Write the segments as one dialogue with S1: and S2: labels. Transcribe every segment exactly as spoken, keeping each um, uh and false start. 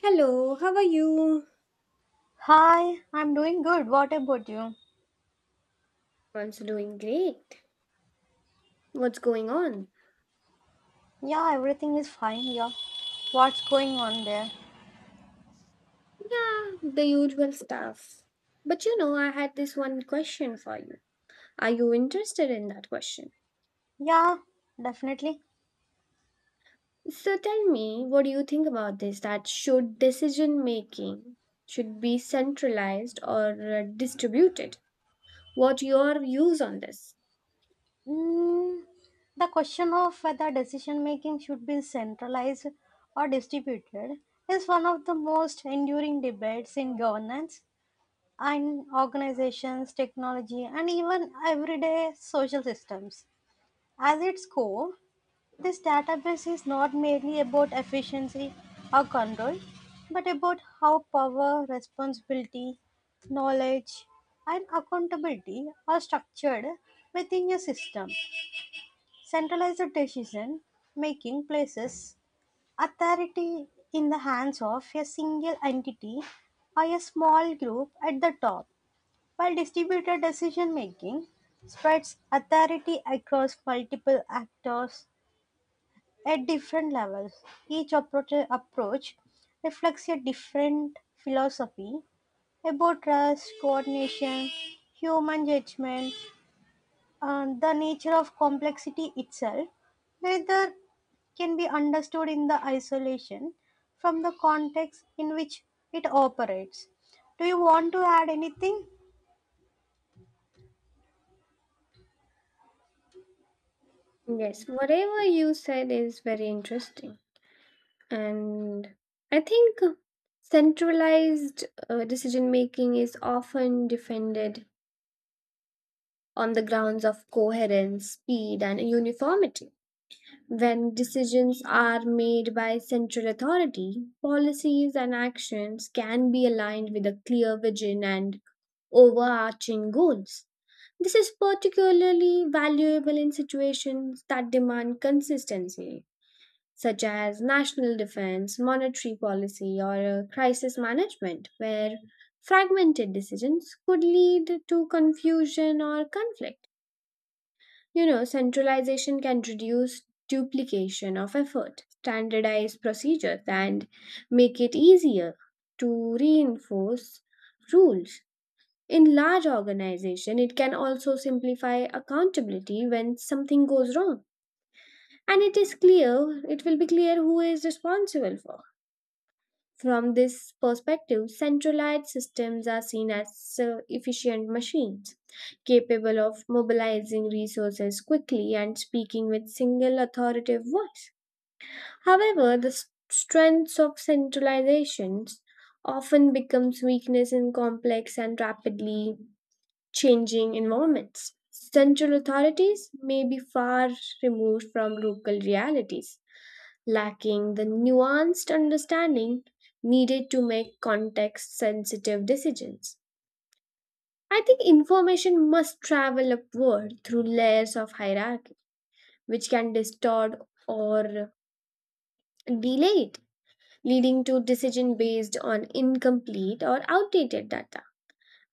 S1: Hello, how are you?
S2: Hi, I'm doing good. What about you?
S1: One's doing great. What's going on?
S2: Yeah, everything is fine. Yeah, what's going on there?
S1: Yeah, the usual stuff. But you know, I had this one question for you. Are you interested in that question?
S2: Yeah, definitely.
S1: So tell me, what do you think about this? That should decision making should be centralized or uh, distributed? What your views on this?
S2: Mm, the question of whether decision making should be centralized or distributed is one of the most enduring debates in governance and organizations, technology, and even everyday social systems. At its core, this database is not merely about efficiency or control, but about how power, responsibility, knowledge, and accountability are structured within a system. Centralized decision making places authority in the hands of a single entity or a small group at the top, while distributed decision making spreads authority across multiple actors at different levels. Each approach, approach reflects a different philosophy about trust, coordination, human judgment, and the nature of complexity itself. Neither can be understood in the isolation from the context in which it operates. Do you want to add anything?
S1: Yes, whatever you said is very interesting. And I think centralized uh, decision making is often defended on the grounds of coherence, speed, and uniformity. When decisions are made by central authority, policies and actions can be aligned with a clear vision and overarching goals. This is particularly valuable in situations that demand consistency such as national defense, monetary policy, or uh, crisis management, where fragmented decisions could lead to confusion or conflict. You know, centralization can reduce duplication of effort, standardize procedures, and make it easier to reinforce rules. In large organization, it can also simplify accountability when something goes wrong and it is clear it will be clear who is responsible for. From this perspective, centralized systems are seen as uh, efficient machines, capable of mobilizing resources quickly and speaking with single authoritative voice. However, the s- strengths of centralizations often becomes weakness in complex and rapidly changing environments. Central authorities may be far removed from local realities lacking the nuanced understanding needed to make context sensitive decisions. I think information must travel upward through layers of hierarchy, which can distort or delay it, leading to decision based on incomplete or outdated data.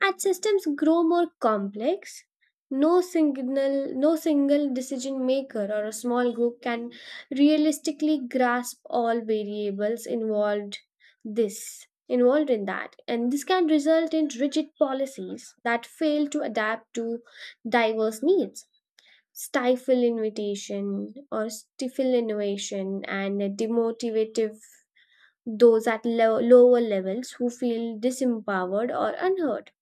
S1: As systems grow more complex, no single, no single decision maker or a small group can realistically grasp all variables involved this involved in that, and this can result in rigid policies that fail to adapt to diverse needs, stifle invitation or stifle innovation and demotivative those at lo- lower levels who feel disempowered or unheard.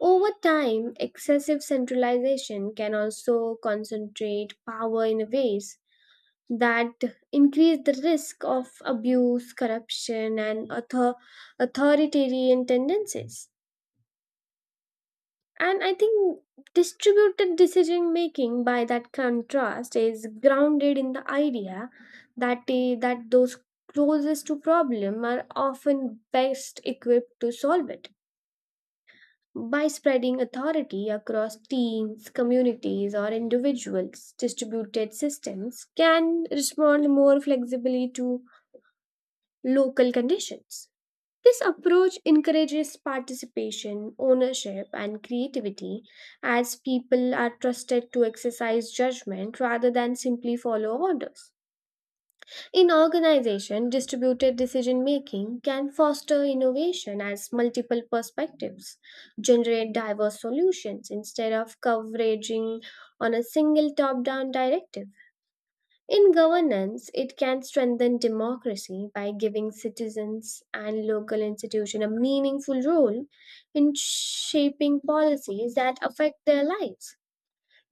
S1: Over time, excessive centralization can also concentrate power in ways that increase the risk of abuse, corruption, and author- authoritarian tendencies. And I think distributed decision making, by that contrast, is grounded in the idea that, eh, that those closest to problem are often best equipped to solve it. By spreading authority across teams, communities, or individuals, distributed systems can respond more flexibly to local conditions. This approach encourages participation, ownership, and creativity as people are trusted to exercise judgment rather than simply follow orders. In organization, distributed decision making can foster innovation as multiple perspectives generate diverse solutions instead of coveraging on a single top-down directive. In governance, it can strengthen democracy by giving citizens and local institutions a meaningful role in shaping policies that affect their lives.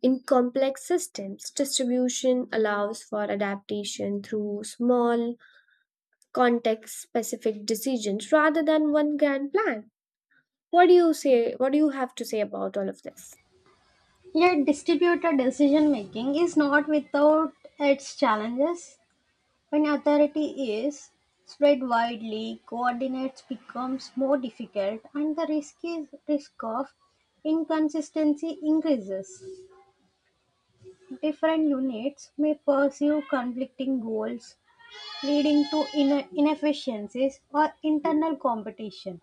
S1: In complex systems, distribution allows for adaptation through small context specific decisions rather than one grand plan. What do you say? What do you have to say about all of this?
S2: Yet, distributed decision making is not without its challenges. When authority is spread widely, coordinates becomes more difficult and the risk is risk of inconsistency increases. Different units may pursue conflicting goals, leading to ine- inefficiencies or internal competition.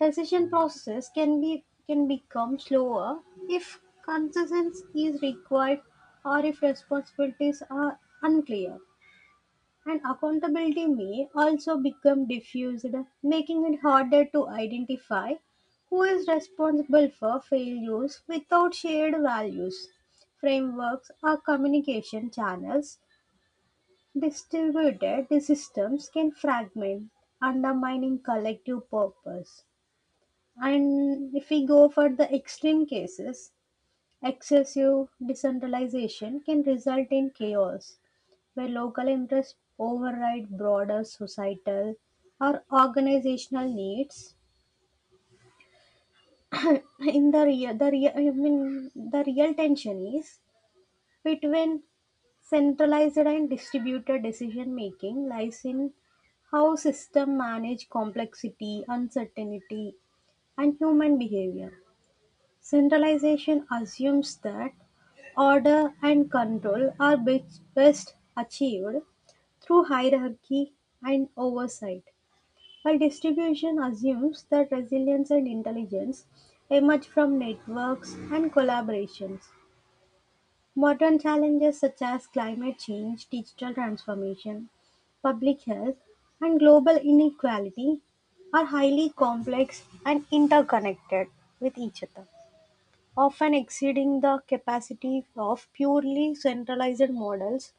S2: Decision processes can be can become slower if consensus is required or if responsibilities are unclear. And accountability may also become diffused, making it harder to identify who is responsible for failures without shared values, frameworks, or communication channels. Distributed systems can fragment, undermining collective purpose. And if we go for the extreme cases, excessive decentralization can result in chaos where local interests override broader societal or organizational needs. In the real, the real, I mean, the real tension is between centralized and distributed decision making lies in how system manage complexity, uncertainty, and human behavior. Centralization assumes that order and control are best best achieved through hierarchy and oversight, while distribution assumes that resilience and intelligence emerge from networks and collaborations. Modern challenges such as climate change, digital transformation, public health, and global inequality are highly complex and interconnected with each other, often exceeding the capacity of purely centralized models,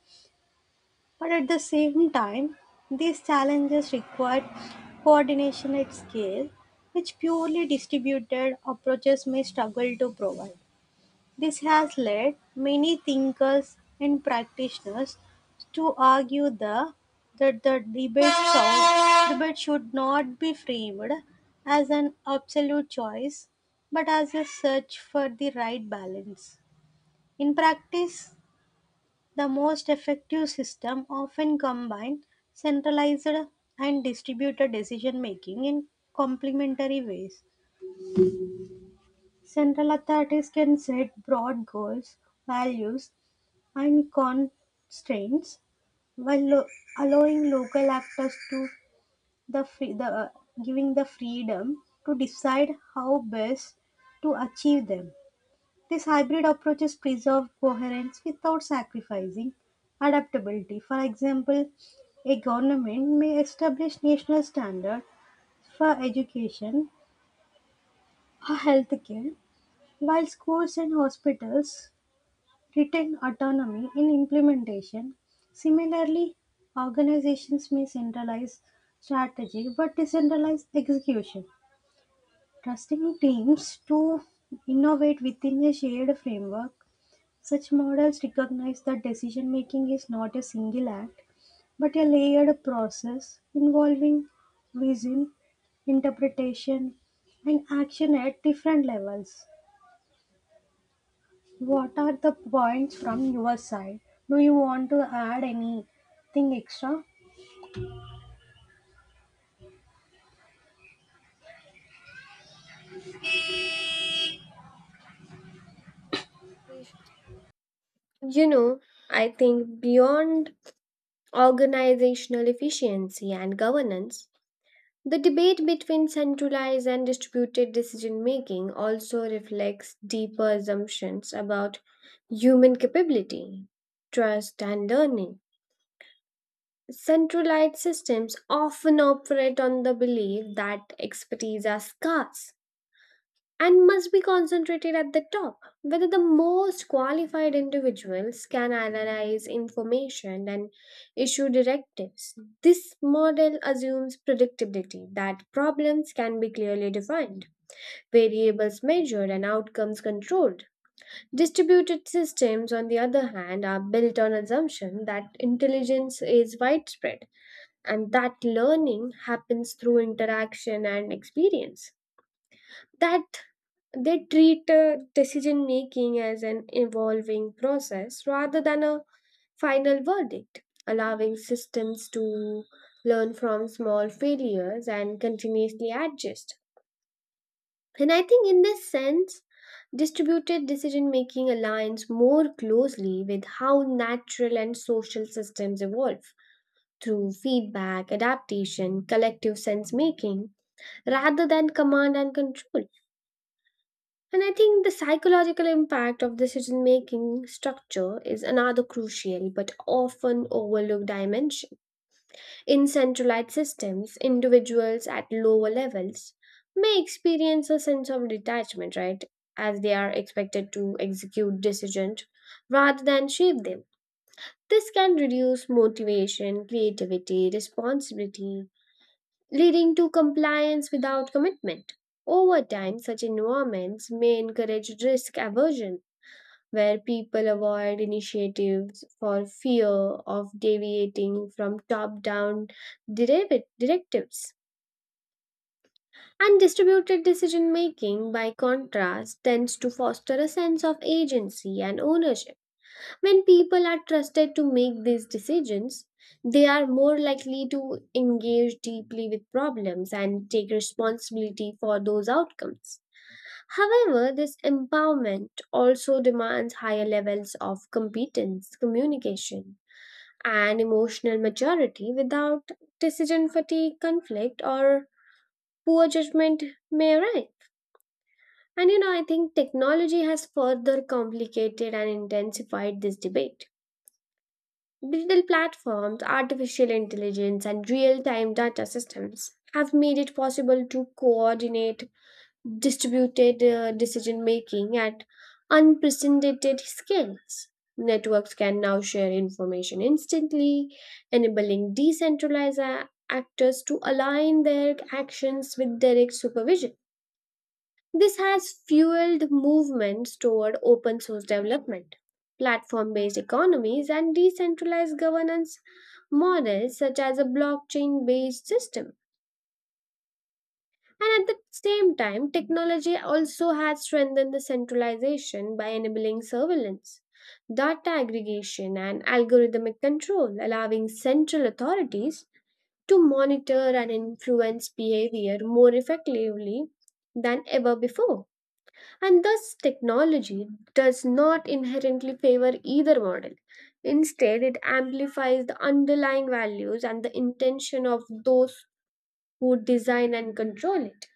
S2: but at the same time, these challenges require coordination at scale, which purely distributed approaches may struggle to provide. This has led many thinkers and practitioners to argue the, that the debate, should, debate should not be framed as an absolute choice, but as a search for the right balance. In practice, the most effective system often combine centralized and distributed decision making in complementary ways. Central authorities can set broad goals, values, and constraints while lo- allowing local actors to the, free- the giving the freedom to decide how best to achieve them. This hybrid approaches preserve coherence without sacrificing adaptability. For example, a government may establish national standards for education or healthcare, while schools and hospitals retain autonomy in implementation. Similarly, organizations may centralize strategy but decentralize execution, trusting teams to innovate within a shared framework. Such models recognize that decision making is not a single act, but a layered process involving vision, interpretation, and action at different levels. What are the points from your side? Do you want to add anything extra?
S1: You know, I think beyond organizational efficiency and governance, the debate between centralized and distributed decision making also reflects deeper assumptions about human capability, trust, and learning. Centralized systems often operate on the belief that expertise are scarce and must be concentrated at the top, whether the most qualified individuals can analyze information and issue directives. This model assumes predictability, that problems can be clearly defined, variables measured, and outcomes controlled. Distributed systems, on the other hand, are built on assumption that intelligence is widespread and that learning happens through interaction and experience. That they treat uh, decision making as an evolving process rather than a final verdict, allowing systems to learn from small failures and continuously adjust. And I think in this sense, distributed decision making aligns more closely with how natural and social systems evolve through feedback, adaptation, collective sense making, rather than command and control. And I think the psychological impact of decision making structure is another crucial but often overlooked dimension. In centralized systems, individuals at lower levels may experience a sense of detachment, right, as they are expected to execute decisions rather than shape them. This can reduce motivation, creativity, responsibility, leading to compliance without commitment. Over time, such environments may encourage risk aversion where people avoid initiatives for fear of deviating from top down directives. And distributed decision making, by contrast, tends to foster a sense of agency and ownership. When people are trusted to make these decisions, they are more likely to engage deeply with problems and take responsibility for those outcomes. However, this empowerment also demands higher levels of competence, communication, and emotional maturity, without decision fatigue, conflict, or poor judgment may arise. And you know, I think technology has further complicated and intensified this debate. Digital platforms, artificial intelligence, and real time data systems have made it possible to coordinate distributed uh, decision making at unprecedented scales. Networks can now share information instantly, enabling decentralized a- actors to align their actions with direct supervision. This has fueled movements toward open source development, platform based economies, and decentralized governance models such as a blockchain based system. And at the same time, technology also has strengthened the centralization by enabling surveillance, data aggregation, and algorithmic control, allowing central authorities to monitor and influence behavior more effectively than ever before. And thus, technology does not inherently favor either model. Instead, it amplifies the underlying values and the intention of those who design and control it.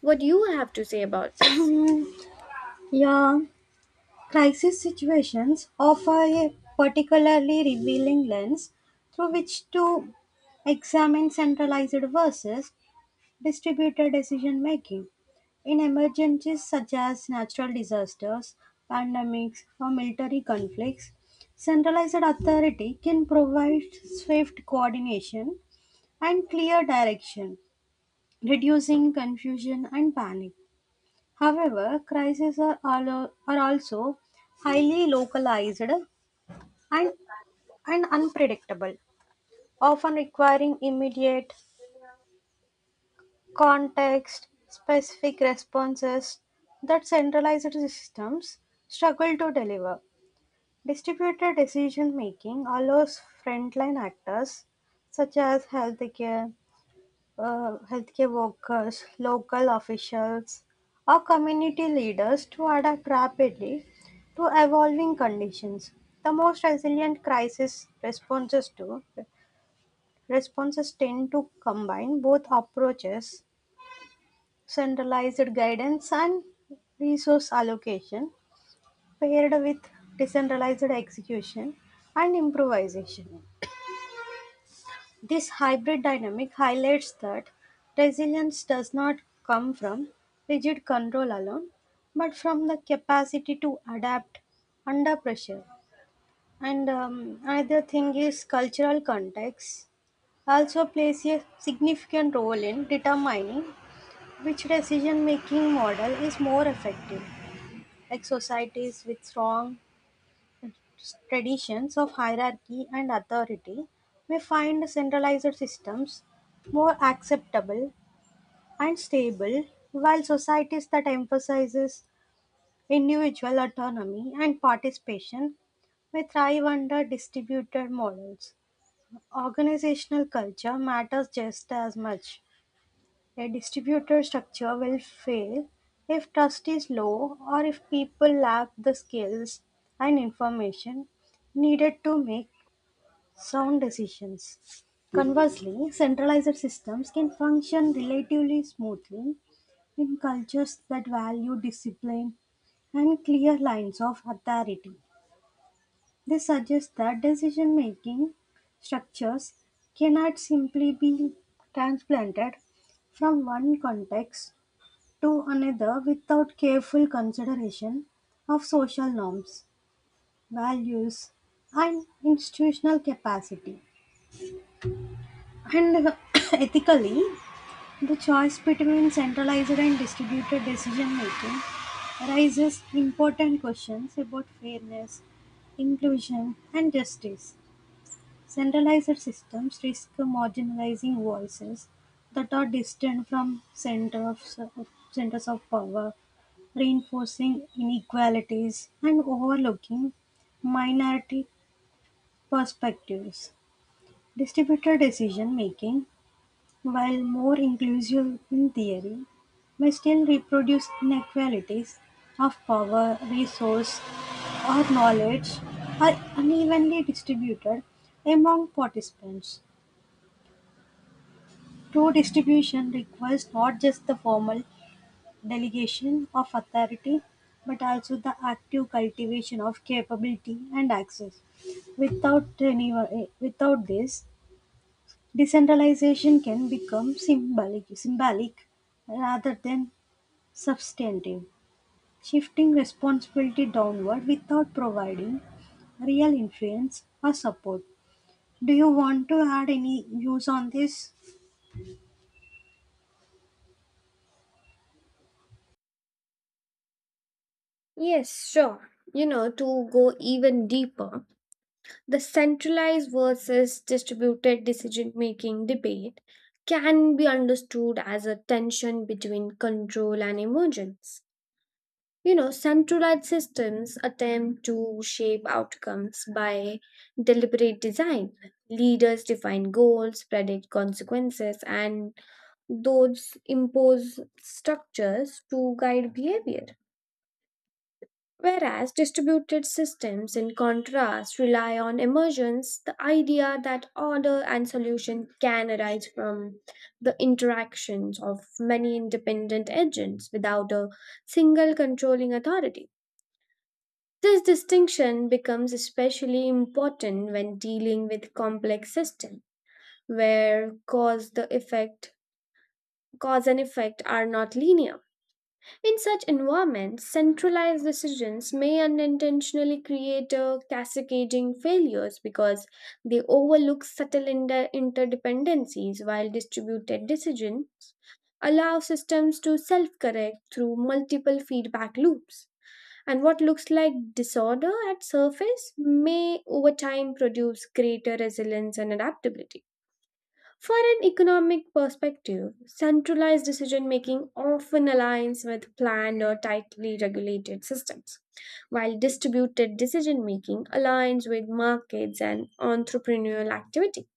S1: What do you have to say about this?
S2: Yeah, crisis situations offer a particularly revealing lens through which to examine centralized versus distributed decision making. In emergencies such as natural disasters, pandemics, or military conflicts, centralized authority can provide swift coordination and clear direction, reducing confusion and panic. However, crises are, al- are also highly localized and, and unpredictable, often requiring immediate context specific responses that centralized systems struggle to deliver. Distributed decision making allows frontline actors such as healthcare, uh, healthcare workers, local officials, or community leaders to adapt rapidly to evolving conditions. The most resilient crisis responses to responses tend to combine both approaches: centralized guidance and resource allocation paired with decentralized execution and improvisation. This hybrid dynamic highlights that resilience does not come from rigid control alone, but from the capacity to adapt under pressure. And um, Another thing is, cultural context also plays a significant role in determining which decision making model is more effective. Like, societies with strong traditions of hierarchy and authority may find centralized systems more acceptable and stable, while societies that emphasizes individual autonomy and participation may thrive under distributed models. Organizational culture matters just as much. A distributor structure will fail if trust is low or if people lack the skills and information needed to make sound decisions. Conversely, centralized systems can function relatively smoothly in cultures that value discipline and clear lines of authority. This suggests that decision making structures cannot simply be transplanted from one context to another without careful consideration of social norms, values, and institutional capacity. And uh, ethically, the choice between centralized and distributed decision making raises important questions about fairness, inclusion, and justice. Centralized systems risk marginalizing voices that are distant from center of, centers of power, reinforcing inequalities, and overlooking minority perspectives. Distributed decision making, while more inclusive in theory, may still reproduce inequalities of power, resource, or knowledge are unevenly distributed among participants. True distribution requires not just the formal delegation of authority but also the active cultivation of capability and access. Without any, eh, without this, decentralization can become symbolic symbolic rather than substantive, shifting responsibility downward without providing real influence or support. Do you want to add any views on this?
S1: Yes, sure. You know, to go even deeper, the centralized versus distributed decision making debate can be understood as a tension between control and emergence. You know, centralized systems attempt to shape outcomes by deliberate design. Leaders define goals, predict consequences, and those impose structures to guide behavior. Whereas distributed systems, in contrast, rely on emergence, the idea that order and solution can arise from the interactions of many independent agents without a single controlling authority. This distinction becomes especially important when dealing with complex systems, where cause the effect cause and effect are not linear. In such environments, centralized decisions may unintentionally create a cascading failures because they overlook subtle inter- interdependencies while distributed decision allow systems to self-correct through multiple feedback loops. And what looks like disorder at surface may over time produce greater resilience and adaptability. For an economic perspective, centralized decision making often aligns with planned or tightly regulated systems, while distributed decision making aligns with markets and entrepreneurial activity.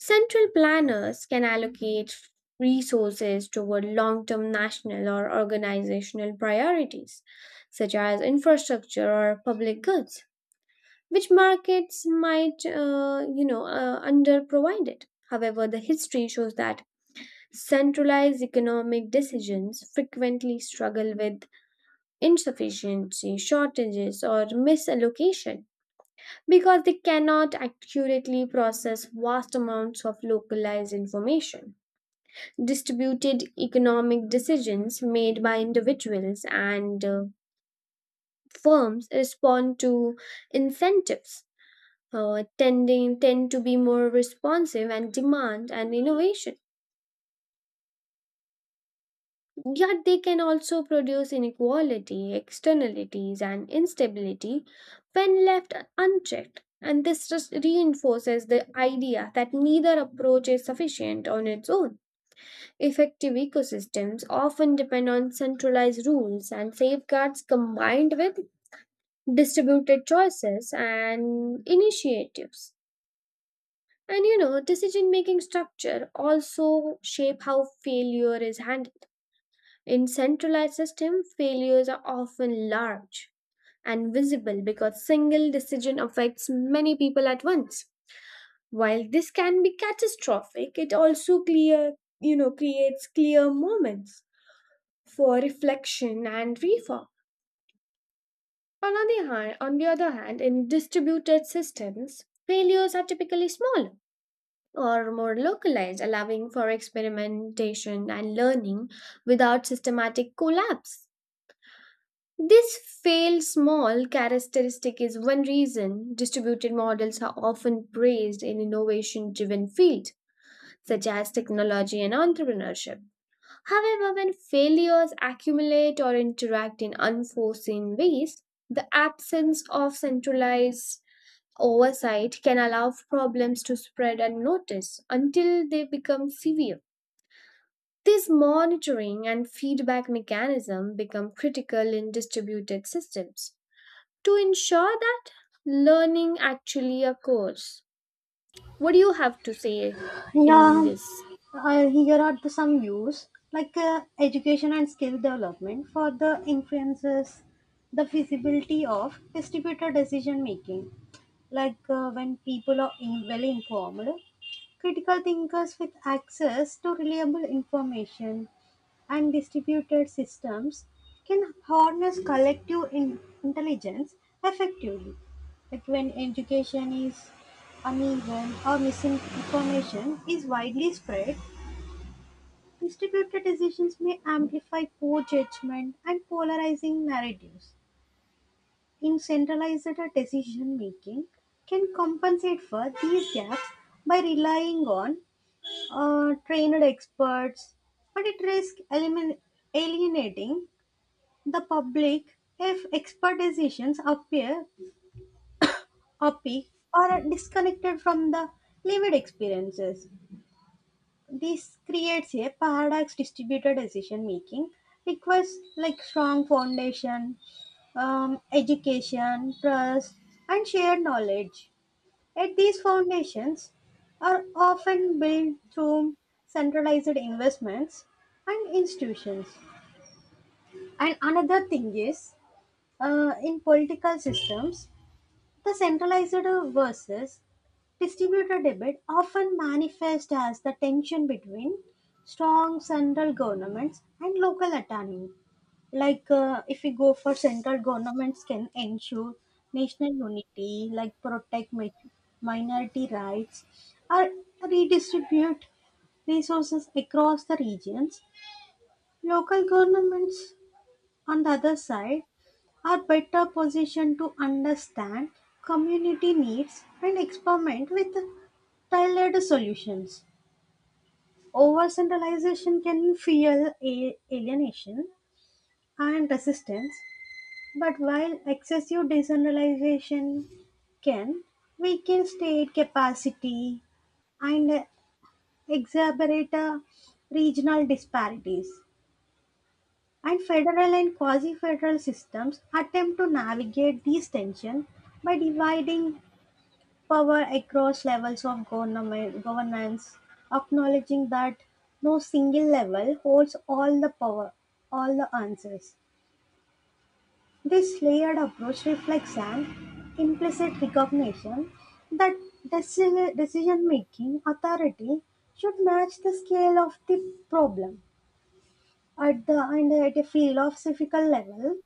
S1: Central planners can allocate resources toward long term national or organizational priorities, such as infrastructure or public goods, which markets might, uh, you know, uh, underprovide it. However, the history shows that centralized economic decisions frequently struggle with insufficiency, shortages, or misallocation because they cannot accurately process vast amounts of localized information. Distributed economic decisions made by individuals and uh, firms respond to incentives, uh, tending, tend to be more responsive and demand and innovation. Yet they can also produce inequality, externalities, and instability when left unchecked. And this just reinforces the idea that neither approach is sufficient on its own. Effective ecosystems often depend on centralized rules and safeguards combined with distributed choices and initiatives. And you know, decision making structure also shape how failure is handled. In centralized systems, failures are often large and visible because single decision affects many people at once. While this can be catastrophic, it also clear, you know, creates clear moments for reflection and reform. On the other hand, on the other hand, in distributed systems, failures are typically smaller or more localized, allowing for experimentation and learning without systematic collapse. This fail small characteristic is one reason distributed models are often praised in innovation driven fields such as technology and entrepreneurship. However, when failures accumulate or interact in unforeseen ways, the absence of centralized oversight can allow problems to spread unnoticed until they become severe. This monitoring and feedback mechanism become critical in distributed systems to ensure that learning actually occurs. What do you have to say in
S2: Yeah.
S1: this?
S2: Uh, here are the some use like uh, education and skill development for the influences the feasibility of distributed decision making. Like, uh, when people are in, well informed critical thinkers with access to reliable information and distributed systems, can harness collective in- intelligence effectively. Like, when education is uneven or misinformation is widely spread, distributed decisions may amplify poor judgment and polarizing narratives. In centralized decision making, can compensate for these gaps by relying on uh, trained experts, but it risks elimin- alienating the public if expert decisions appear opaque or disconnected from the lived experiences. This creates a paradox: distributed decision making requires like strong foundation, um, education, trust, and shared knowledge. Yet these foundations are often built through centralized investments and institutions. And another thing is, uh, in political systems, the centralized versus distributed debate often manifests as the tension between strong central governments and local autonomy. Like, uh, if we go for central governments, can ensure national unity, like protect mi- minority rights, or redistribute resources across the regions. Local governments, on the other side, are better positioned to understand community needs and experiment with tailored solutions. Over centralization can fuel a- alienation and resistance, but while excessive decentralization can weaken state capacity and exacerbate uh, regional disparities. And federal and quasi-federal systems attempt to navigate these tensions by dividing power across levels of government, governance, acknowledging that no single level holds all the power, all the answers. This layered approach reflects an implicit recognition that decision-making authority should match the scale of the problem at the and at a philosophical level.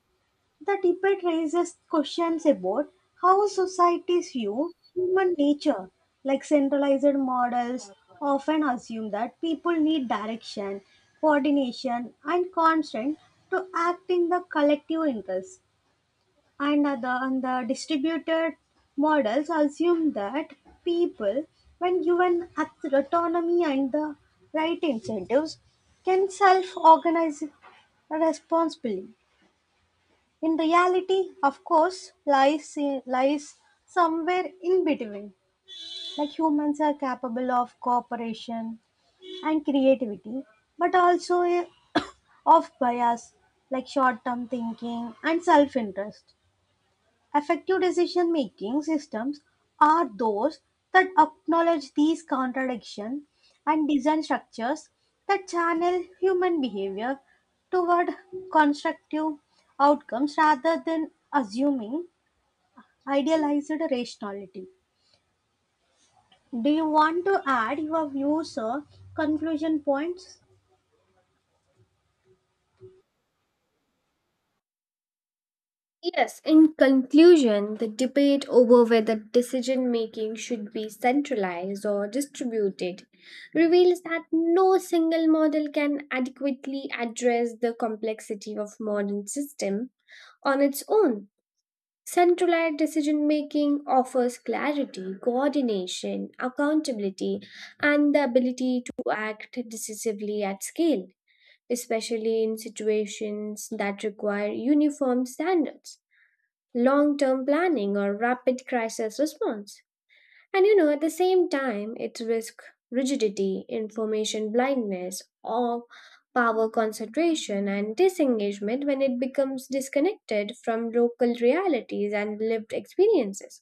S2: The debate raises questions about how societies view human nature. Like, centralized models often assume that people need direction, coordination, and constraint to act in the collective interest, and the, and the distributed models assume that people, when given auth- autonomy and the right incentives, can self organize responsibly. In reality, of course, lies, lies somewhere in between. Like, humans are capable of cooperation and creativity, but also eh, of bias, like short term thinking and self interest. Effective decision making systems are those that acknowledge these contradictions and design structures that channel human behavior toward constructive outcomes rather than assuming idealized rationality. Do you want to add your views or conclusion points?
S1: Yes, in conclusion, the debate over whether decision making should be centralized or distributed reveals that no single model can adequately address the complexity of modern system on its own. Centralized decision making offers clarity, coordination, accountability, and the ability to act decisively at scale, especially in situations that require uniform standards, long term planning, or rapid crisis response. And you know, at the same time, it's risk rigidity, information blindness, or power concentration and disengagement when it becomes disconnected from local realities and lived experiences.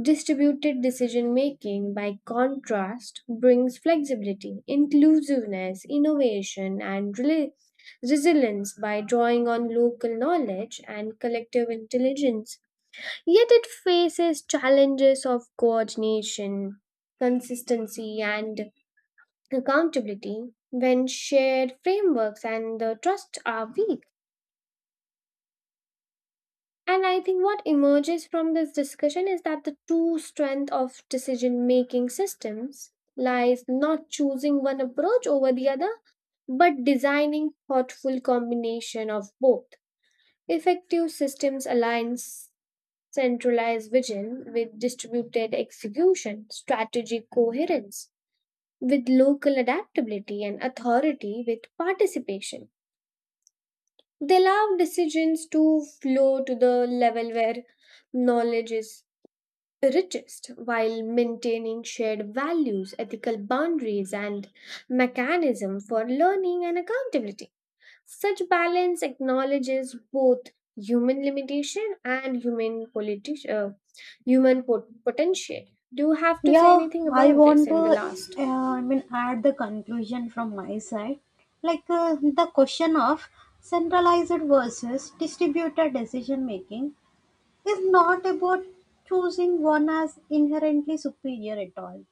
S1: Distributed decision making, by contrast, brings flexibility, inclusiveness, innovation, and rela- resilience by drawing on local knowledge and collective intelligence. Yet it faces challenges of coordination, consistency, and accountability when shared frameworks and the trust are weak. And I think what emerges from this discussion is that the true strength of decision making systems lies not choosing one approach over the other, but designing thoughtful combination of both. Effective systems align centralized vision with distributed execution, strategic coherence with local adaptability, and authority with participation. They allow decisions to flow to the level where knowledge is richest while maintaining shared values, ethical boundaries, and mechanism for learning and accountability. Such balance acknowledges both human limitation and human politi- uh, human pot- potential. Do you have to say
S2: Yeah,
S1: anything
S2: I
S1: about
S2: want
S1: this
S2: to,
S1: in the last?
S2: uh, I mean, add the conclusion from my side. Like, uh, the question of centralized versus distributed decision making is not about choosing one as inherently superior at all,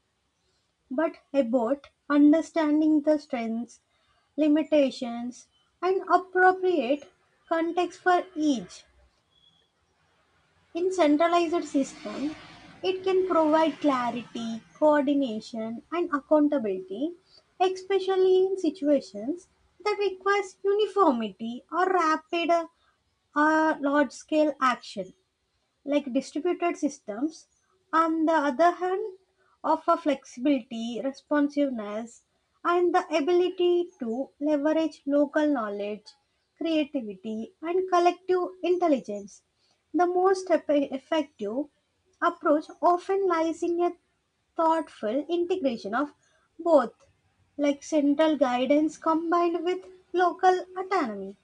S2: but about understanding the strengths, limitations, and appropriate context for each. In centralized systems, it can provide clarity, coordination, and accountability, especially in situations that requires uniformity or rapid uh, large-scale action like distributed systems. On the other hand, offer flexibility, responsiveness, and the ability to leverage local knowledge, creativity, and collective intelligence. The most eff- effective approach often lies in a thoughtful integration of both, like central guidance combined with local autonomy,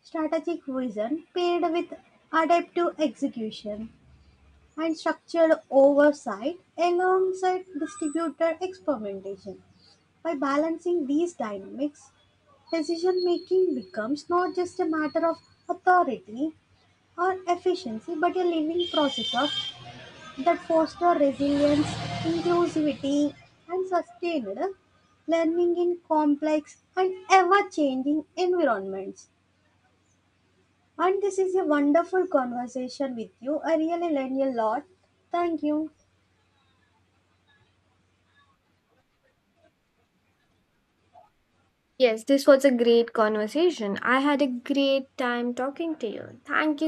S2: strategic vision paired with adaptive execution and structured oversight alongside distributed experimentation. By balancing these dynamics, decision making becomes not just a matter of authority or efficiency but a living process of that foster resilience, inclusivity and sustained learning in complex and ever-changing environments. And this is a wonderful conversation with you. I really learned a lot. Thank you.
S1: Yes, this was a great conversation. I had a great time talking to you. Thank you